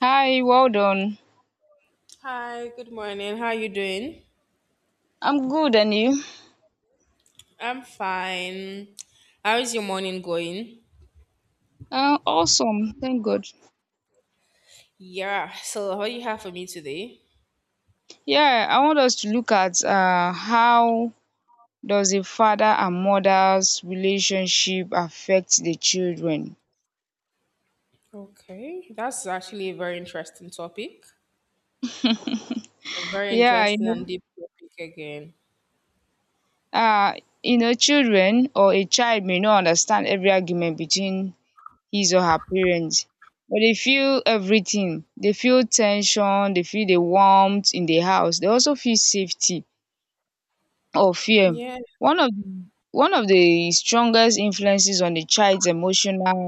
Hi, well done. Hi, good morning. How are you doing? I'm good, and you? I'm fine. How is your morning going? Awesome, thank God. Yeah, so what do you have for me today? Yeah, I want us to look at how does a father and mother's relationship affect the children? Okay, that's actually a very interesting topic. A very Yeah, interesting and deep topic again. uh, children or a child may not understand every argument between his or her parents, but they feel everything. They feel tension. They feel the warmth in the house. They also feel safety, or fear. Yeah, One of one of the strongest influences on a child's emotional,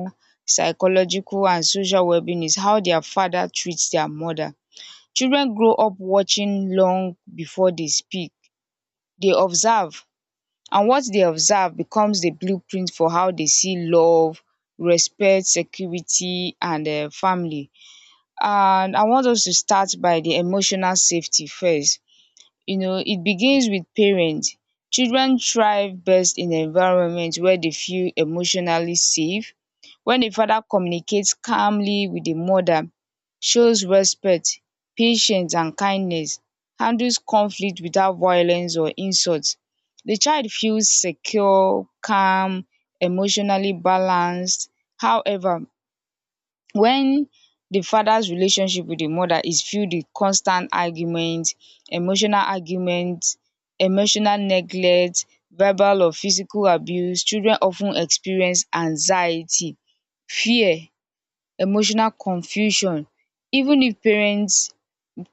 psychological, and social wellbeing is how their father treats their mother. Children grow up watching. Long before they speak, they observe, and what they observe becomes the blueprint for how they see love, respect, security, and family. And I want us to start by the emotional safety first. It begins with parents. Children thrive best in environment where they feel emotionally safe. When a father communicates calmly with the mother, shows respect, patience, and kindness, handles conflict without violence or insult, the child feels secure, calm, emotionally balanced. However, when the father's relationship with the mother is filled with constant argument, emotional argument, emotional neglect, verbal or physical abuse, children of ten experience anxiety, fear, emotional confusion. Even if parents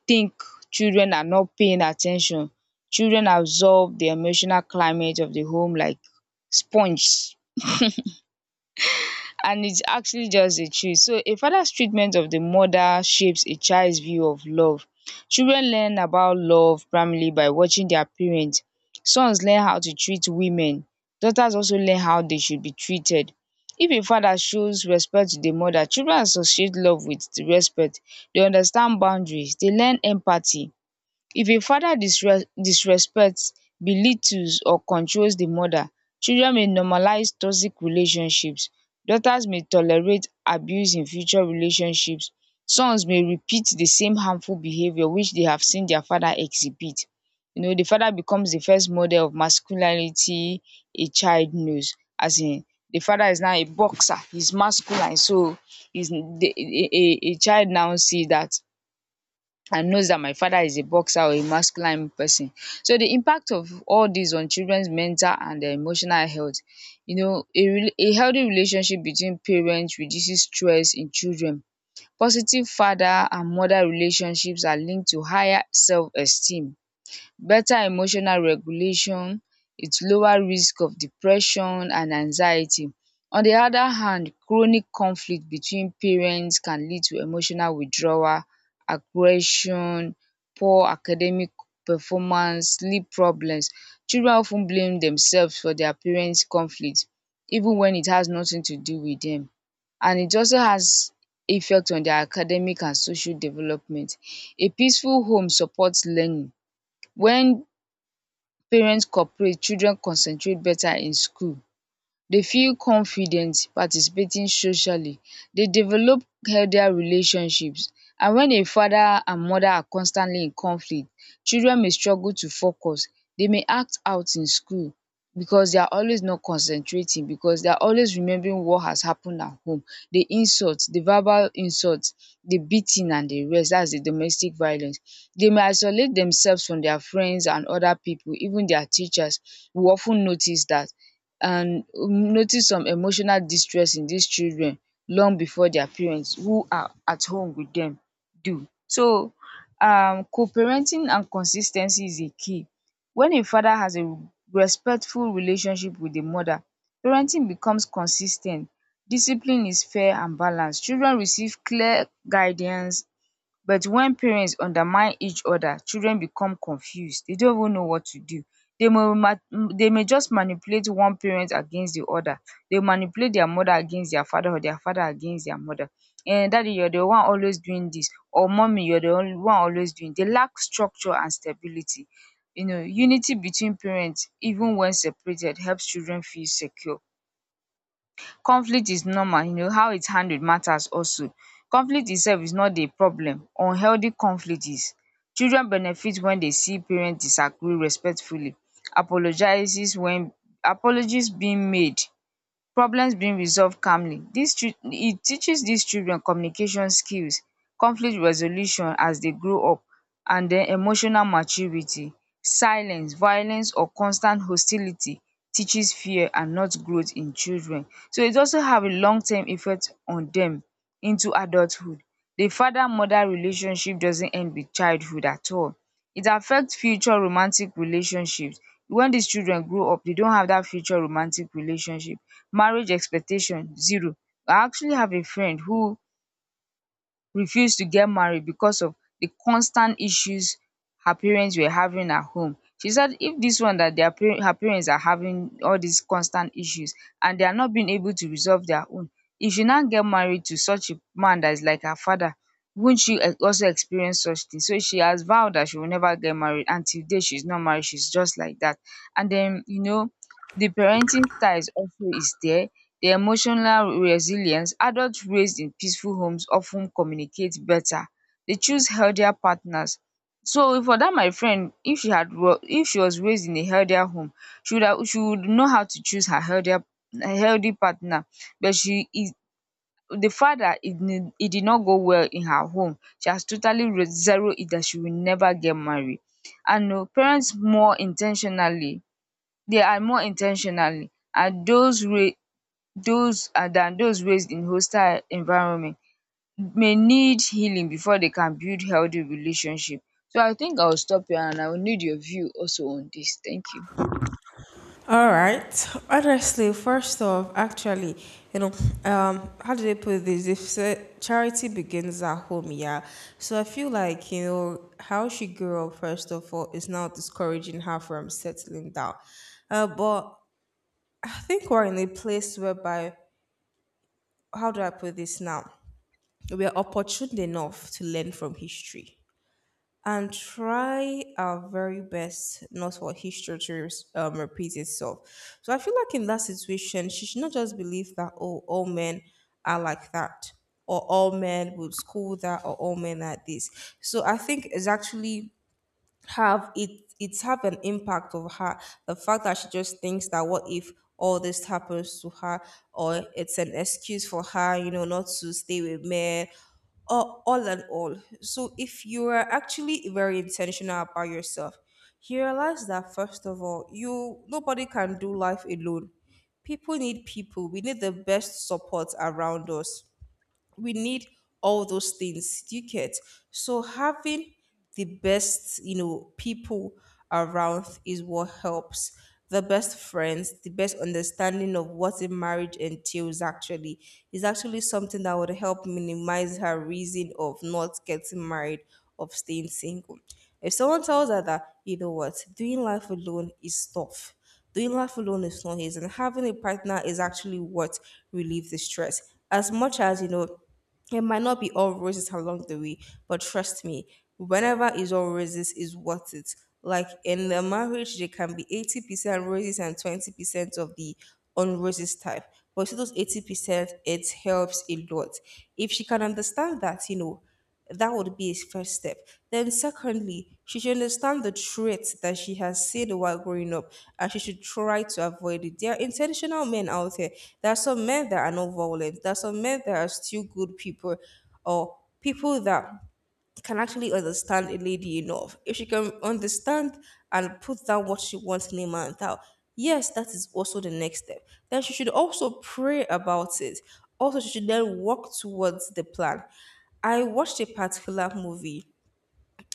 think children are not paying at ten tion, children absorb the emotional climate of the home like sponge. And it's actually just the truth. So a father's treatment of the mother shapes a child's view of love. Children learn about love primarily by watching their parents. Sons learn how to treat women. Daughters also learn how they should be treated. If a father shows respect to the mother, children associate love with the respect. They understand boundaries. They learn empathy. If a father disrespects, belittles, or controls the mother, children may normalize toxic relationships. Daughters may tolerate abuse in future relationships. Sons may repeat the same harmful behavior which they have seen their father exhibit. The father becomes the first model of masculinity a child knows. As in, the father is now a boxer, he's masculine, so is a child now see that and knows that my father is a boxer or a masculine person. So the impact of all this on children's mental and their emotional health, a healthy relationship between parents reduces stress in children. Positive father and mother relationships are linked to higher self-esteem, better emotional regulation, it lower risk of depression and anxiety. On the other hand, chronic conflict between parents can lead to emotional withdrawal, aggression, poor academic performance, sleep problems. Children of ten blame themselves for their parents conflict even when it has nothing to do with them. And it also has effect on their academic and social development. A peaceful home supports learning. When parents cooperate, children concentrate better in school. They feel confident participating socially. They develop healthier relationships. And when a father and mother are constantly in conflict, children may struggle to focus. They may act out in school because they are always not concentrating, because they are always remembering what has happened at home: the insults, the verbal insults, the beating and the rest, that's the domestic violence. They may isolate themselves from their friends and other people, even their teachers. We of ten notice that, and notice some emotional distress in dis children long before their parents who are at home with dem do. So co-parenting and consis ten cy is a key. When a father has a respectful relationship with di mother, parenting becomes consis ten t, discipline is fair and balanced. Children receive clear guidance. But when parents undermine each other, children become confused, they don't even know what to do. they may ma- they may just manipulate one parent against the other. They manipulate their mother against their father, or their father against their mother. And, "Daddy, you're the one always doing this," or, "Mommy, you're the only one always doing." They lack structure and stability. Unity between parents, even when separated, helps children feel secure. Conflict is normal. How its handled matters also. Conflict itself is not the problem, unhealthy conflict is. Children benefit when they see parents disagree respectfully, apologizes when apologies being made, problems being resolved calmly. Dis it teaches these children communication skills, conflict resolution as they grow up, and then emotional maturity. Silence, violence, or constant hostility teaches fear and not growth in children. So it also have a long term effect on them into adulthood. The father mother relationship doesn't end with childhood at all. It affects future romantic relationships. When these children grow up, they don't have that future romantic relationship, marriage expectation zero. I actually have a friend who refused to get married because of the constant issues her parents were having at home. She said if this one, that their parents, her parents, are having all these constant issues and they are not being able to resolve their own, if she now get married to such a man that is like her father, won't she also experience such thing? So she has vowed that she will never get married, and till date she's not married, she's just like that. And then the parenting style is also is there. The emotional resilience, adults raised in peaceful homes often communicate better. They choose healthier partners. So for that, my friend, if she if she was raised in a healthier home, she would know how to choose her healthier her healthy partner. But she is, the fact that it did not go well in her home, she has totally zeroed it that she will never get married. And they are more intentionally ten, and those and than those raised in hostile environment may need healing before they can build healthy relationship. So I think I'll stop here, and I will need your view also on this. Thank you. all right. Honestly, first off, actually, you know, how do they put this? If say, charity begins at home, yeah. So I feel like you know how she grew up. First of all, is now discouraging her from settling down. But I think we're in a place whereby, how do I put this now? We are opportune enough to learn from history and try our very best not for history to repeat itself. So I feel like in that situation, she should not just believe that, oh, all men are like that, or all men would school that, or all men are this. So I think it's actually have it it's have an impact of her, the fact that she just thinks that what if all this happens to her, or it's an excuse for her, you know, not to stay with men or all and all. So if you are actually very intentional about yourself, you realize that first of all, you nobody can do life alone. People need people. We need the best support around us. We need all those things. Do you get? So having the best, you know, people around is what helps. The best friends, the best understanding of what a marriage entails actually is actually something that would help minimize her reason of not getting married, of staying single. If someone tells her that, you know what, doing life alone is tough. Doing life alone is not easy, and having a partner is actually what relieves the stress. As much as, you know, it might not be all roses along the way, but trust me, whenever it's all roses is worth it. Like in a marriage, there can be 80% roses and 20% of the unroses type. But see those 80%, it helps a lot. If she can understand that, you know, that would be his first step. Then, secondly, she should understand the traits that she has seen while growing up and she should try to avoid it. There are intentional men out there. There are some men that are not violent, there are some men that are still good people or people that can actually understand a lady enough. If she can understand and put down what she wants name and out, yes, that is also the next step. Then she should also pray about it. Also, she should then work towards the plan. I watched a particular movie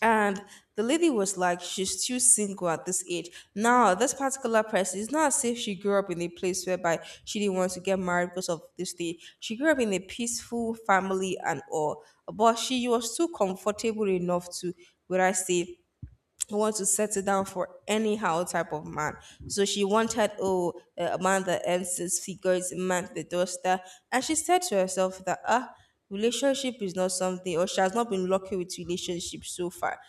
and the lady was like, she's still single at this age. Now, this particular person, it's not as if she grew up in a place whereby she didn't want to get married because of this thing. She grew up in a peaceful family and all, but she was too comfortable enough to, would I say, want to settle down for anyhow type of man. So she wanted, oh, a man that earns six figures a month, the doorstep. And she said to herself that, ah, relationship is not something, or she has not been lucky with relationships so far.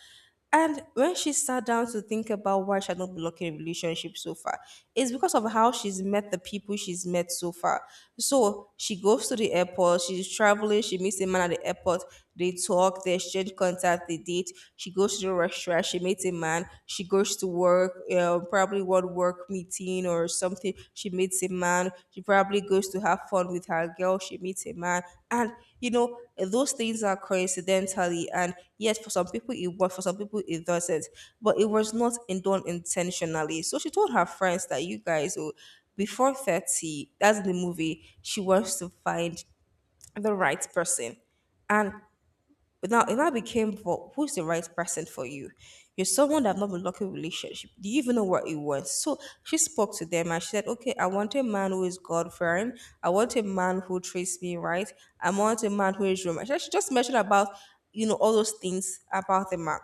And when she sat down to think about why she had not been lucky in a relationship so far, it's because of how she's met the people she's met so far. So she goes to the airport, she's traveling, she meets a man at the airport. They talk, they exchange contact, they date. She goes to the restaurant, she meets a man, she goes to work, probably one work meeting or something. She meets a man, she probably goes to have fun with her girl, she meets a man. And, you know, those things are coincidentally. And yes, for some people it was, for some people it doesn't. But it was not done intentionally. So she told her friends that, you guys, oh, before 30, that's the movie, she wants to find the right person. And but now it now became, well, who's the right person for you? You're someone that have not been lucky with relationship. Do you even know what it was? So she spoke to them and she said, okay, I want a man who is God fearing. I want a man who treats me right. I want a man who is romantic. She just mentioned about, you know, all those things about the man.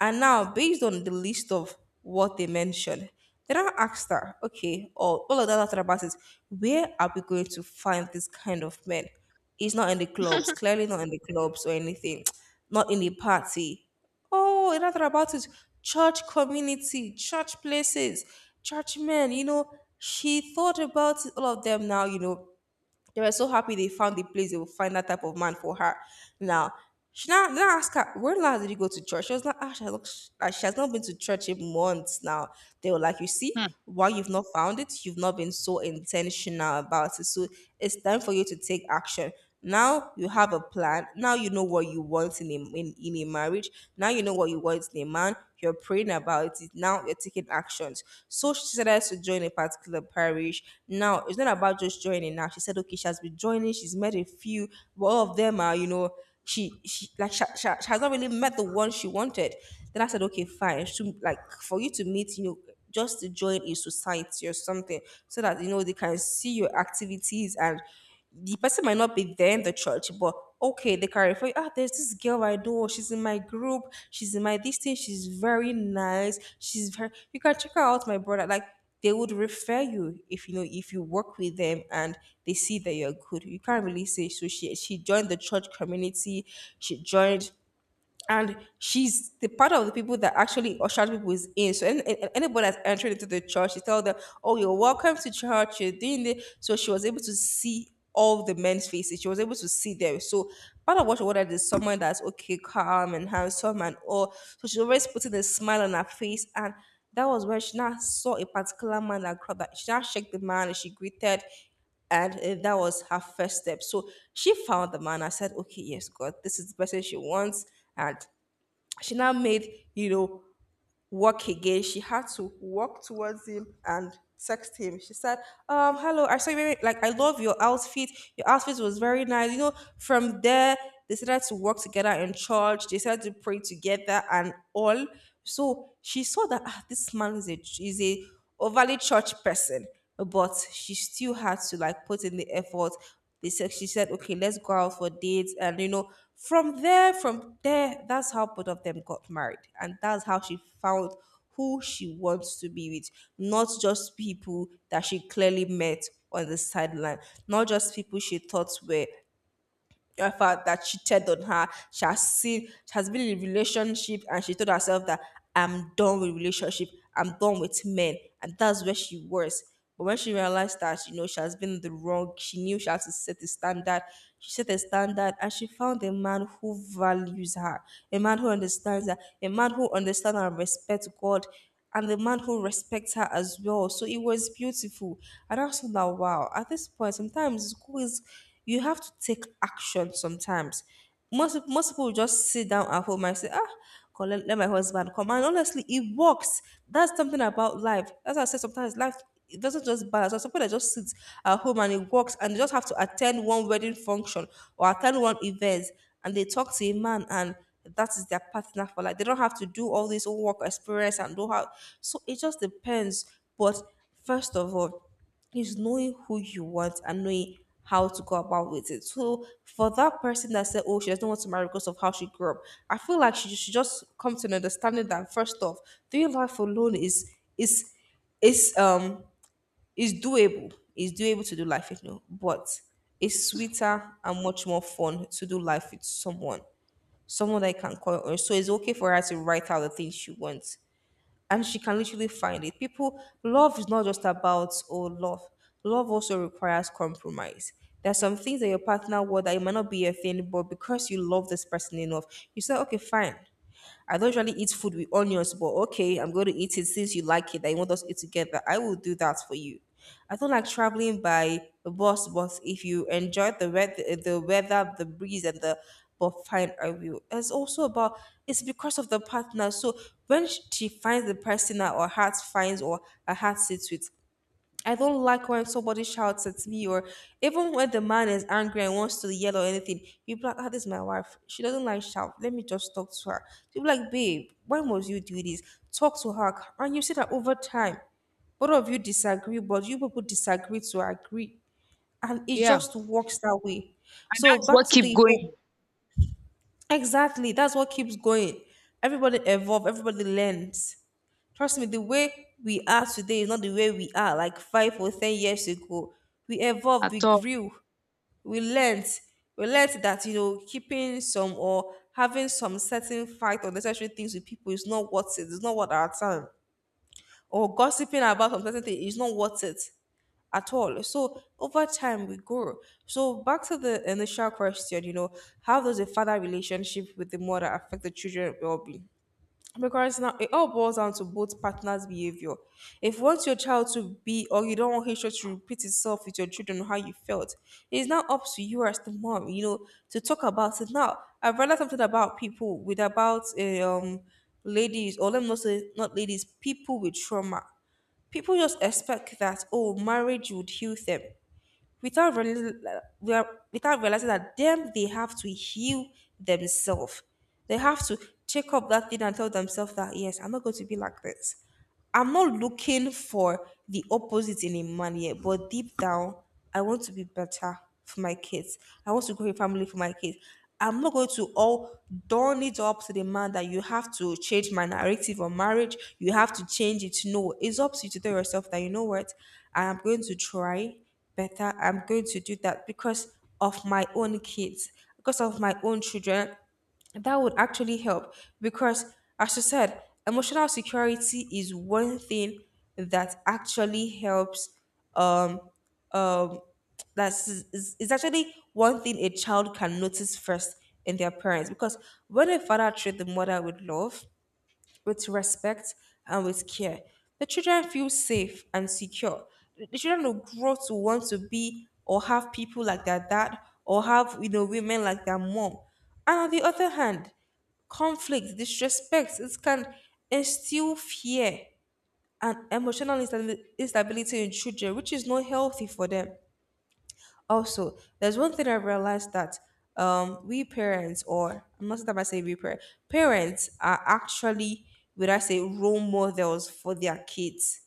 And now, based on the list of what they mentioned, then I asked her, okay, all of that after about is, where are we going to find this kind of men? He's not in the clubs, clearly not in the clubs or anything, not in the party. Oh, and I thought about it. Church community, church places, church men, you know, she thought about all of them now, you know. They were so happy they found the place they would find that type of man for her. Now, she now, then I asked her, when last did you go to church? She was like, ah, she has not, ah, she has not been to church in months now. They were like, you see, why you've not found it, you've not been so intentional about it. So it's time for you to take action. Now you have a plan. Now you know what you want in in a marriage. Now you know what you want in a man. You're praying about it. Now you're taking actions. So she decided to join a particular parish. Now it's not about just joining. Now she said, okay, she has been joining. She's met a few, but all of them are, you know, she like she has not really met the one she wanted. Then I said, okay, fine. She, like for you to meet, you know, just to join a society or something, so that you know they can see your activities and the person might not be there in the church, but okay, they can refer you. Ah, there's this girl I know. She's in my group. She's in my this thing. She's very nice. She's very. You can check her out, my brother. Like they would refer you if you know if you work with them and they see that you're good. You can't really say so. She joined the church community. She joined and she's the part of the people that actually ushered people is in. So anybody that's entered into the church, she told them, "Oh, you're welcome to church. You're doing this." So she was able to see all the men's faces. She was able to see them. So part of what she wanted is someone that's okay, calm and handsome and all. So she's always putting a smile on her face and. That was when she now saw a particular man that crowd that she now shook the man and she greeted and that was her first step. So she found the man. I said, okay, yes, God, this is the person she wants, and she now made you know work again. She had to walk towards him and text him. She said, hello, I saw you very, like, I love your outfit. Your outfit was very nice. You know, from there, they started to work together in church. They started to pray together and all. So she saw that, ah, this man is a overly church person, but she still had to like put in the effort. They said she said, okay, let's go out for dates, and you know, from there, that's how both of them got married, and that's how she found who she wants to be with, not just people that she clearly met on the sideline, not just people she thought were effort that cheated on her. She has seen, she has been in a relationship and she told herself that I'm done with relationship. I'm done with men. And that's where she was. But when she realized that, you know, she has been in the wrong, she knew she has to set a standard. She set a standard and she found a man who values her, a man who understands her, a man who understands and respects God, and the man who respects her as well. So it was beautiful. And I was like, wow, at this point, sometimes school is you have to take action sometimes. Most people will just sit down at home and say, ah, God, let my husband come. And honestly, it works. That's something about life. As I said, sometimes life it doesn't just balance. There's some people that just sit at home and it works and they just have to attend one wedding function or attend one event and they talk to a man and that is their partner for life. They don't have to do all this own work experience and know how. So it just depends. But first of all, is knowing who you want and knowing how to go about with it. So for that person that said, "Oh, she doesn't want to marry because of how she grew up," I feel like she should just come to an understanding that first off, doing life alone is is um is doable. Is doable to do life, but it's sweeter and much more fun to do life with someone, someone that I can call on. So it's okay for her to write out the things she wants and she can literally find it. People, love is not just about oh love. Love also requires compromise. There's some things that your partner will that it might not be your thing, but because you love this person enough, you say, okay, fine. I don't usually eat food with onions, but okay, I'm going to eat it since you like it. I want us to eat together. I will do that for you. I don't like traveling by a bus, but if you enjoy the weather, the breeze, and the but fine, I will. It's also about It's because of the partner. So when she finds the person that her heart finds or her heart sits with, I don't like when somebody shouts at me, or even when the man is angry and wants to yell or anything. People be like, ah, this is my wife. She doesn't like shout. Let me just talk to her. People be like, babe, when was you do this? Talk to her. And you see that over time, both of you disagree, but you people disagree to agree. And it Yeah. just works that way. And So that's back what to keep the whole, going exactly. That's what keeps going. Everybody evolve, everybody learns. Trust me, the way we are today is not the way we are like 5 or 10 years ago. We evolved, we at all. grew, we learned. We learned that, keeping some or having some certain fight or necessary things with people is not worth it. It's not worth our time. Or gossiping about some certain thing is not worth it at all. So over time we grow. So back to the initial question, how does a father relationship with the mother affect the children well being? Because now it all boils down to both partners' behavior. If you want your child to be, or you don't want history to repeat itself with your children, how you felt, it's now up to you as the mom, to talk about it. Now, I've read something about people with about ladies, or let me not say not ladies, people with trauma. People just expect that oh, marriage would heal them without realizing that them they have to heal themselves. They have to take up that thing and tell themselves that yes, I'm not going to be like this. I'm not looking for the opposite in a man yet, but deep down, I want to be better for my kids. I want to grow a family for my kids. I'm not going to all don it up to the man that you have to change my narrative on marriage. You have to change it. No, it's up to you to tell yourself that you know what, I am going to try better I'm going to do that because of my own kids, because of my own children. That would actually help because, as you said, emotional security is one thing that actually helps. Um, um, that's is actually one thing a child can notice first in their parents because when a father treats the mother with love, with respect and with care. The children feel safe and secure. The children will grow to want to be or have people like their dad or have women like their mom. And on the other hand, conflict, disrespect, it can instill fear and emotional instability in children, which is not healthy for them also there's one thing I realized that we parents or I'm not sure if I say we parents are actually would I say role models for their kids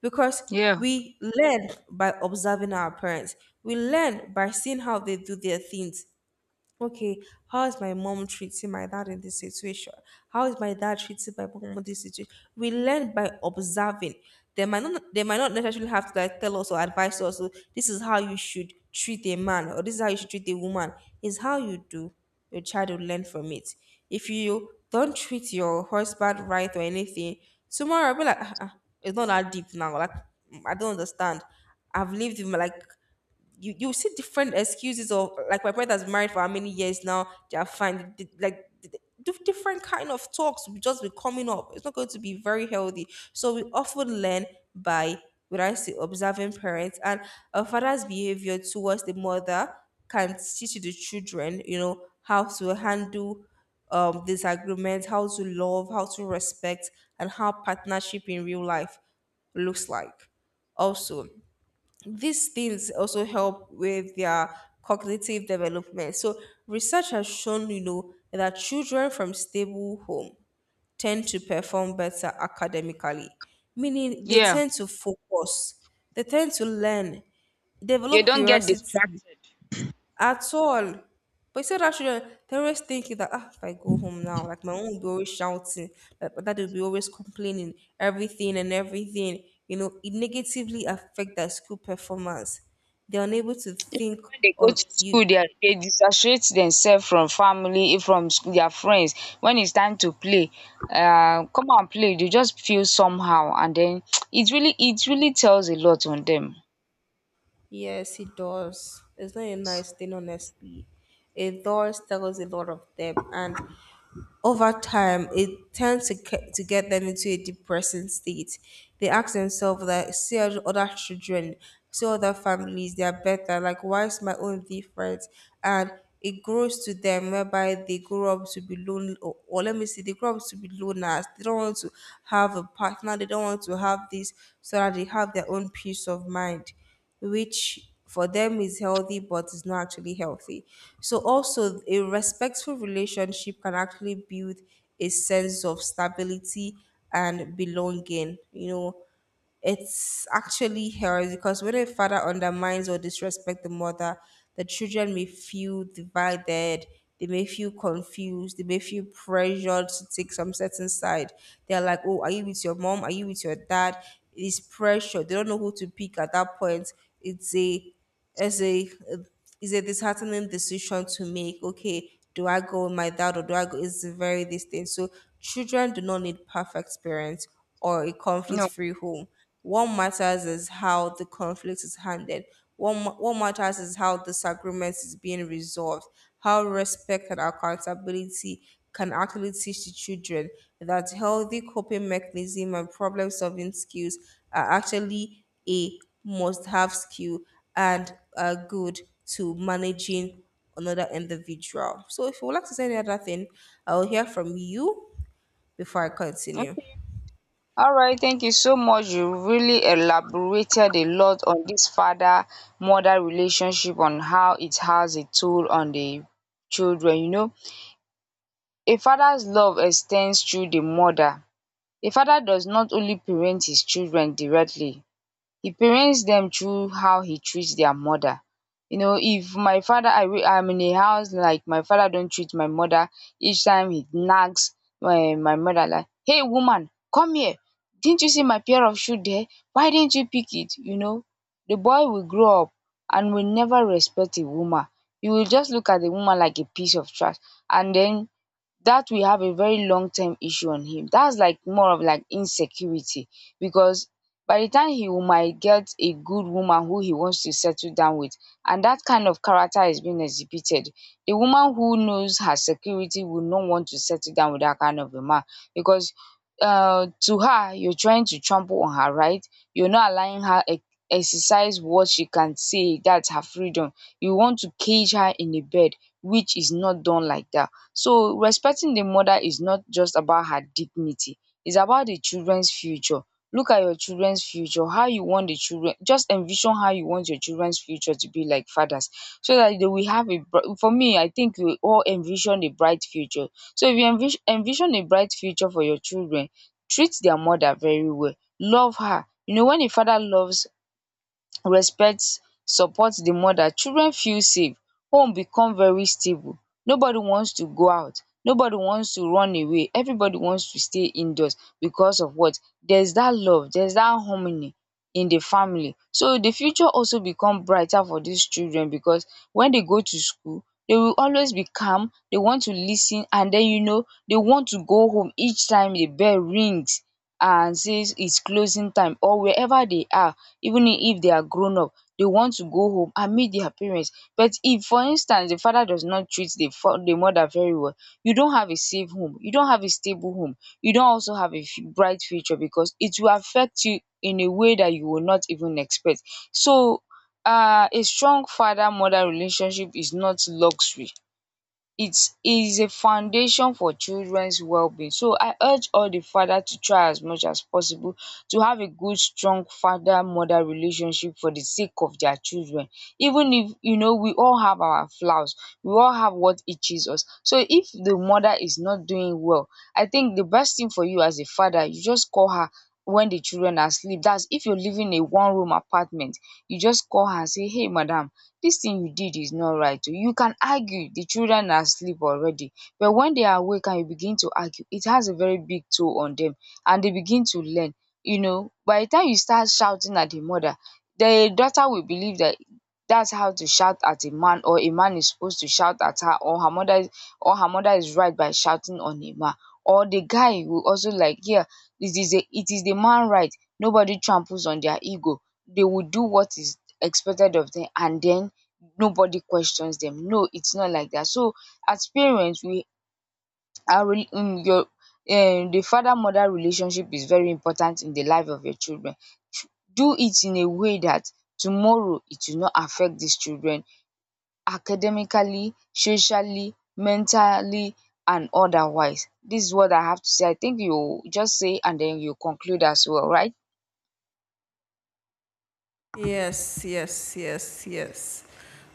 because Yeah. we learn by observing our parents we learn by seeing how they do their things okay, how is my mom treating my dad in this situation? How is my dad treating my mom in this situation? We learn by observing. They might not necessarily have to like tell us or advise us "Oh, this is how you should treat a man or this is how you should treat a woman. Is how you do. Your child will learn from it. If you don't treat your husband right or anything, tomorrow I'll be like, "Ah, it's not that deep now. Like I don't understand. I've lived with my like you see different excuses of like my brother's married for how many years now they are fine like different kind of talks will just be coming up it's not going to be very healthy so we often learn by would I say observing parents and a father's behavior towards the mother can teach the children how to handle disagreements how to love how to respect and how partnership in real life looks like also these things also help with their cognitive development. So research has shown, that children from stable home tend to perform better academically, meaning they Yeah. tend to focus, they tend to learn, They develop don't get curiosity, distracted. at all. But you said that children, they always thinking that ah, if I go home now, like my mom will be always shouting, like my dad will be always complaining, everything and everything. You know, it negatively affect their school performance. They're unable to think When they go of to you. school, they dissociate themselves from family, from school, their friends. When it's time to play, come and play. They just feel somehow, and then it really tells a lot on them. Yes, it does. It's not a nice thing, honestly. It does tell us a lot of them, and over time, it tends to, to get them into a depressing state. They ask themselves that, see other children, see other families, they are better. Like, why is my own different? And it grows to them whereby they grow up to be lonely, or, let me see, they grow up to be loners. They don't want to have a partner. They don't want to have this so that they have their own peace of mind which for them is healthy but is not actually healthy. So also a respectful relationship can actually build a sense of stability and belonging. You know, it's actually hers because when a father undermines or disrespects the mother, the children may feel divided. They may feel confused. They may feel pressured to take some certain side. They're like, oh, are you with your mom? Are you with your dad? It's pressure. They don't know who to pick at that point. It's a is a is a disheartening decision to make. Okay, do I go with my dad or do I go? It's very this thing. So children do not need perfect parents or a No. conflict-free home. What matters is how the conflict is handled. What matters is how disagreement is being resolved, how respect and accountability can actually teach the children that healthy coping mechanism and problem solving skills are actually a must have skill and good to managing another individual. So if you would like to say any other thing, I will hear from you before I continue. All right, thank you so much. You really elaborated a lot on this father mother relationship on how it has a toll on the children. A father's love extends through the mother. A father does not only parent his children directly, he parents them through how he treats their mother. If my father, I wey I'm in a house, like my father don't treat my mother, each time he nags my mother like, "Hey, woman, come here, didn't you see my pair of shoe there, why didn't you pick it? The boy will grow up and will never respect a woman. He will just look at the woman like a piece of trash. And then that will have a very long term issue on him. That's like more of like insecurity, because by the time he might get a good woman who he wants to settle down with, and that kind of character is being exhibited, the woman who knows her security will not want to settle down with that kind of a man. Because to her, you're trying to trample on her right. You're not allowing her exercise what she can say. That's her freedom. You want to cage her in a bed, which is not done like that. So respecting the mother is not just about her dignity, it's about the children's future. Look at your children's future, how you want the children, just envision how you want your children's future to be like, fathers. So that they will have for me, I think we all envision a bright future. So if you envision a bright future for your children, treat their mother very well, love her. You know, when a father loves, respect support the mother, children feel safe, home become very stable, nobody wants to go out, nobody wants to run away, everybody wants to stay indoors because of what? There's that love, there's that harmony in the family, so the future also become brighter for these children because when they go to school they will always be calm, they want to listen, and then they want to go home each time the bell rings and says it's closing time or wherever they are. Even if they are grown up they want to go home and meet their parents. But if for instance the father does not treat the the mother very well, you don't have a safe home, you don't have a stable home, you don't also have a bright future, because it will affect you in a way that you will not even expect. So a strong father mother relationship is not luxury, it is a foundation for children's well-being. So I urge all the father to try as much as possible to have a good, strong father-mother relationship for the sake of their children. Even if we all have our flaws, we all have what itches us. So if the mother is not doing well, I think the best thing for you as a father, you just call her when the children are asleep. That's if you're living in a one-room apartment, you just call her and say, "Hey madam, this thing you did is not right oo." You can argue, the children are asleep already. But when they are awake and you begin to argue, it has a very big toll on them, and they begin to learn. By the time you start shouting at the mother, the daughter will believe that that's how to shout at a man, or a man is supposed to shout at her, or her mother is, or her mother is right by shouting on a man. Or the guy will also like, yeah, it is the man right. Nobody tramples on their ego. They will do what is expected of them and then nobody questions them. No, it's not like that. So as parents, we are re- your the father mother relationship is very important in the life of your children. Tr- Do it in a way that tomorrow it will not affect these children academically, socially, mentally, and otherwise. This is what I have to say. I think you just say and then you conclude as well, right? Yes, yes, yes, yes.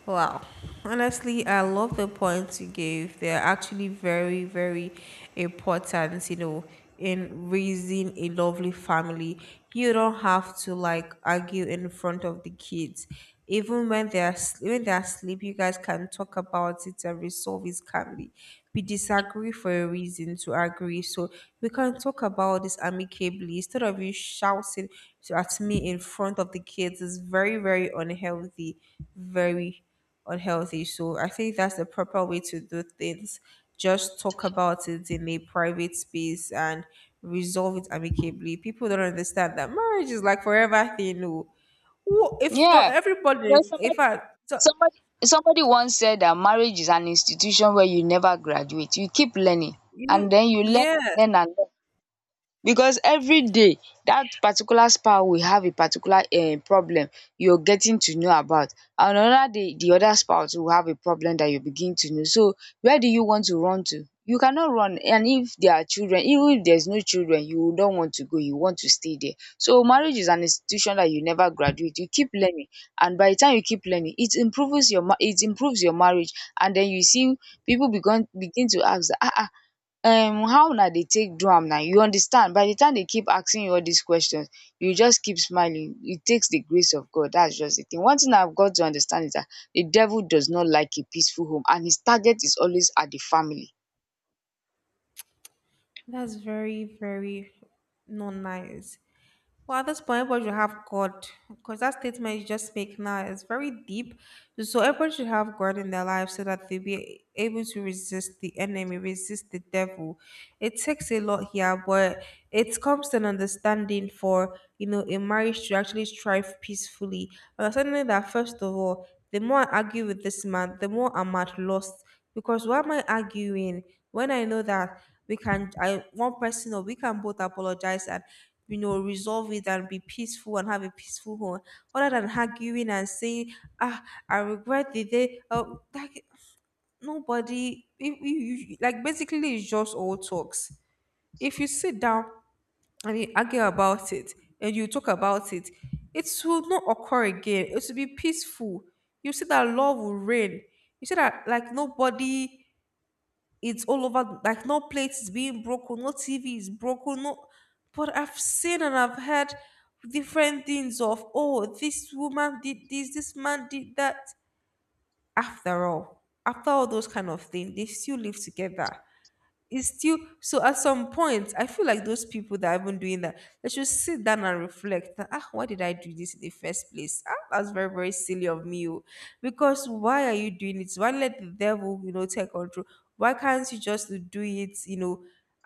Wow. Honestly, I love the points you gave. They're actually very, very, important, you know, in raising a lovely family. You don't have to like argue in front of the kids. Even when they are when they are asleep you guys can talk about it and resolve it calmly we disagree for a reason to agree so we can talk about this amicably instead of you shouting at me in front of the kids is very very unhealthy so I think that's the proper way to do things just talk about it in a private space and resolve it amicably people don't understand that marriage is like forever thing no who if not Yeah. You everybody, know, in somebody fact, so Somebody somebody once said that marriage is an institution where you never graduate. You keep learning you and then you learn, yeah. learn and learn, because every day that particular spa will have a particular problem you're getting to know about, and another day the other spa will have a problem that you begin to know. So where do you want to run to? You cannot run. And if there are children, even if there's no children, you don't want to go, you want to stay there. So marriage is an institution that you never graduate, you keep learning. And by the time you keep learning, it improves your it improves your marriage. And then you see people begin to ask, ah ah, how una dey take do am now, you understand? By the time they keep asking you all these questions, you just keep smiling. It takes the grace of God. That's just the thing. One thing I've got to understand is that the devil does not like a peaceful home, and his target is always at the family. That's very, very not nice. Well, at this point, everybody should have God, because that statement you just make now is very deep. So everybody should have God in their life so that they'll be able to resist the enemy, resist the devil. It takes a lot here, but it comes to an understanding for a marriage to actually strive peacefully. Understanding that first of all, the more I argue with this man, the more I'm at loss because why am I arguing when I know that we can I one person or we can both apologize and resolve it and be peaceful and have a peaceful home other than arguing and saying ah I regret the day like nobody if you like basically it's just all talks if you sit down and you argue about it and you talk about it it will not occur again it will be peaceful you see that love will reign you see that like nobody it's all over like no plate is being broken no tv is broken no but I've seen and I've heard different things of oh this woman did this this man did that after all those kind of things they still live together it's still so at some point I feel like those people that have been doing that they should sit down and reflect that, ah why did I do this in the first place ah, that's very very silly of me oh." because why are you doing it why let the devil take control why can't you just do it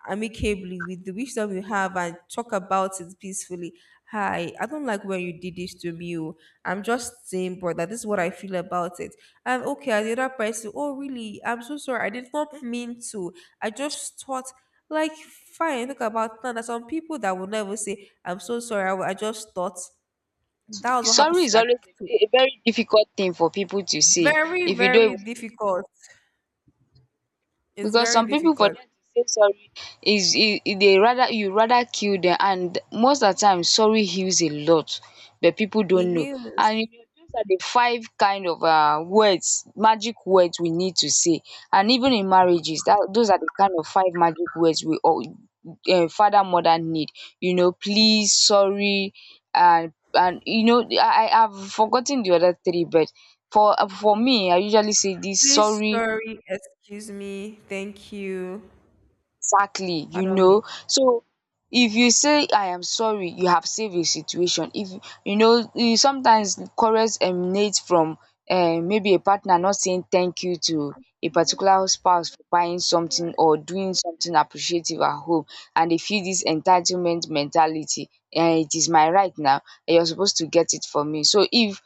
amicably with the wisdom you have and talk about it peacefully hi I don't like when you did this to me oh. I'm just saying but that is what I feel about it and okay as the other person oh really I'm so sorry I did not mean to I just thought, like, fine, think about now. There's some people that will never say, I'm so sorry. I just thought that was what Sorry happens, is like, always to a very difficult thing for people to say. very, If you don't very even, difficult. It's because very some people, for difficult. them to say sorry is e e dey, rather you rather kill them. And most of the time sorry heals a lot, but people It don't know. heals. And you know those are the five kind of words, magic words we need to say, and even in marriages, that those are the kind of five magic words we all father mother need, you know: please, sorry, and you know, I have forgotten the other three. But for me, I usually say this Please, sorry. sorry, excuse me, thank you, Exactly, you pardon me. know. So if you say I am sorry, you have saved a situation. If you know, you sometimes quarrels emanate from maybe a partner not saying thank you to a particular spouse for buying something or doing something appreciative at home, and they feel this entitlement mentality. It is my right now and you're supposed to get it for me. So if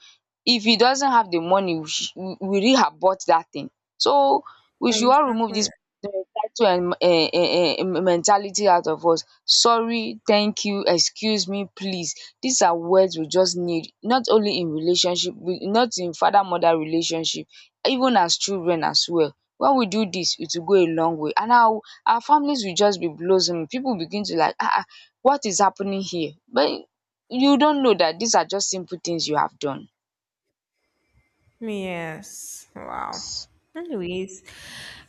he doesn't have the money, we really abort that thing. So we should all remove Exactly. this to mentality out of us. Sorry, thank you, excuse me, please. These are words we just need not only in relationship, not in father mother relationship, even as children as well. When we do this, it will go a long way and our families will just be blossoming. People begin to like, ah, ah, what is happening here? But you don't know that these are just simple things you have done. Yes. Wow. Anyways,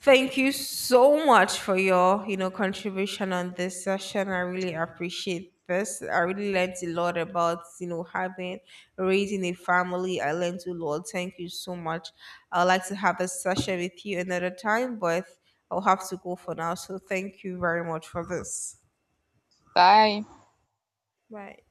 thank you so much for your, contribution on this session. I really appreciate this. I really learned a lot about, you know, having raising a family. I learned a lot. Thank you so much. I'd like to have a session with you another time, but I'll have to go for now. So thank you very much for this. Bye. Bye.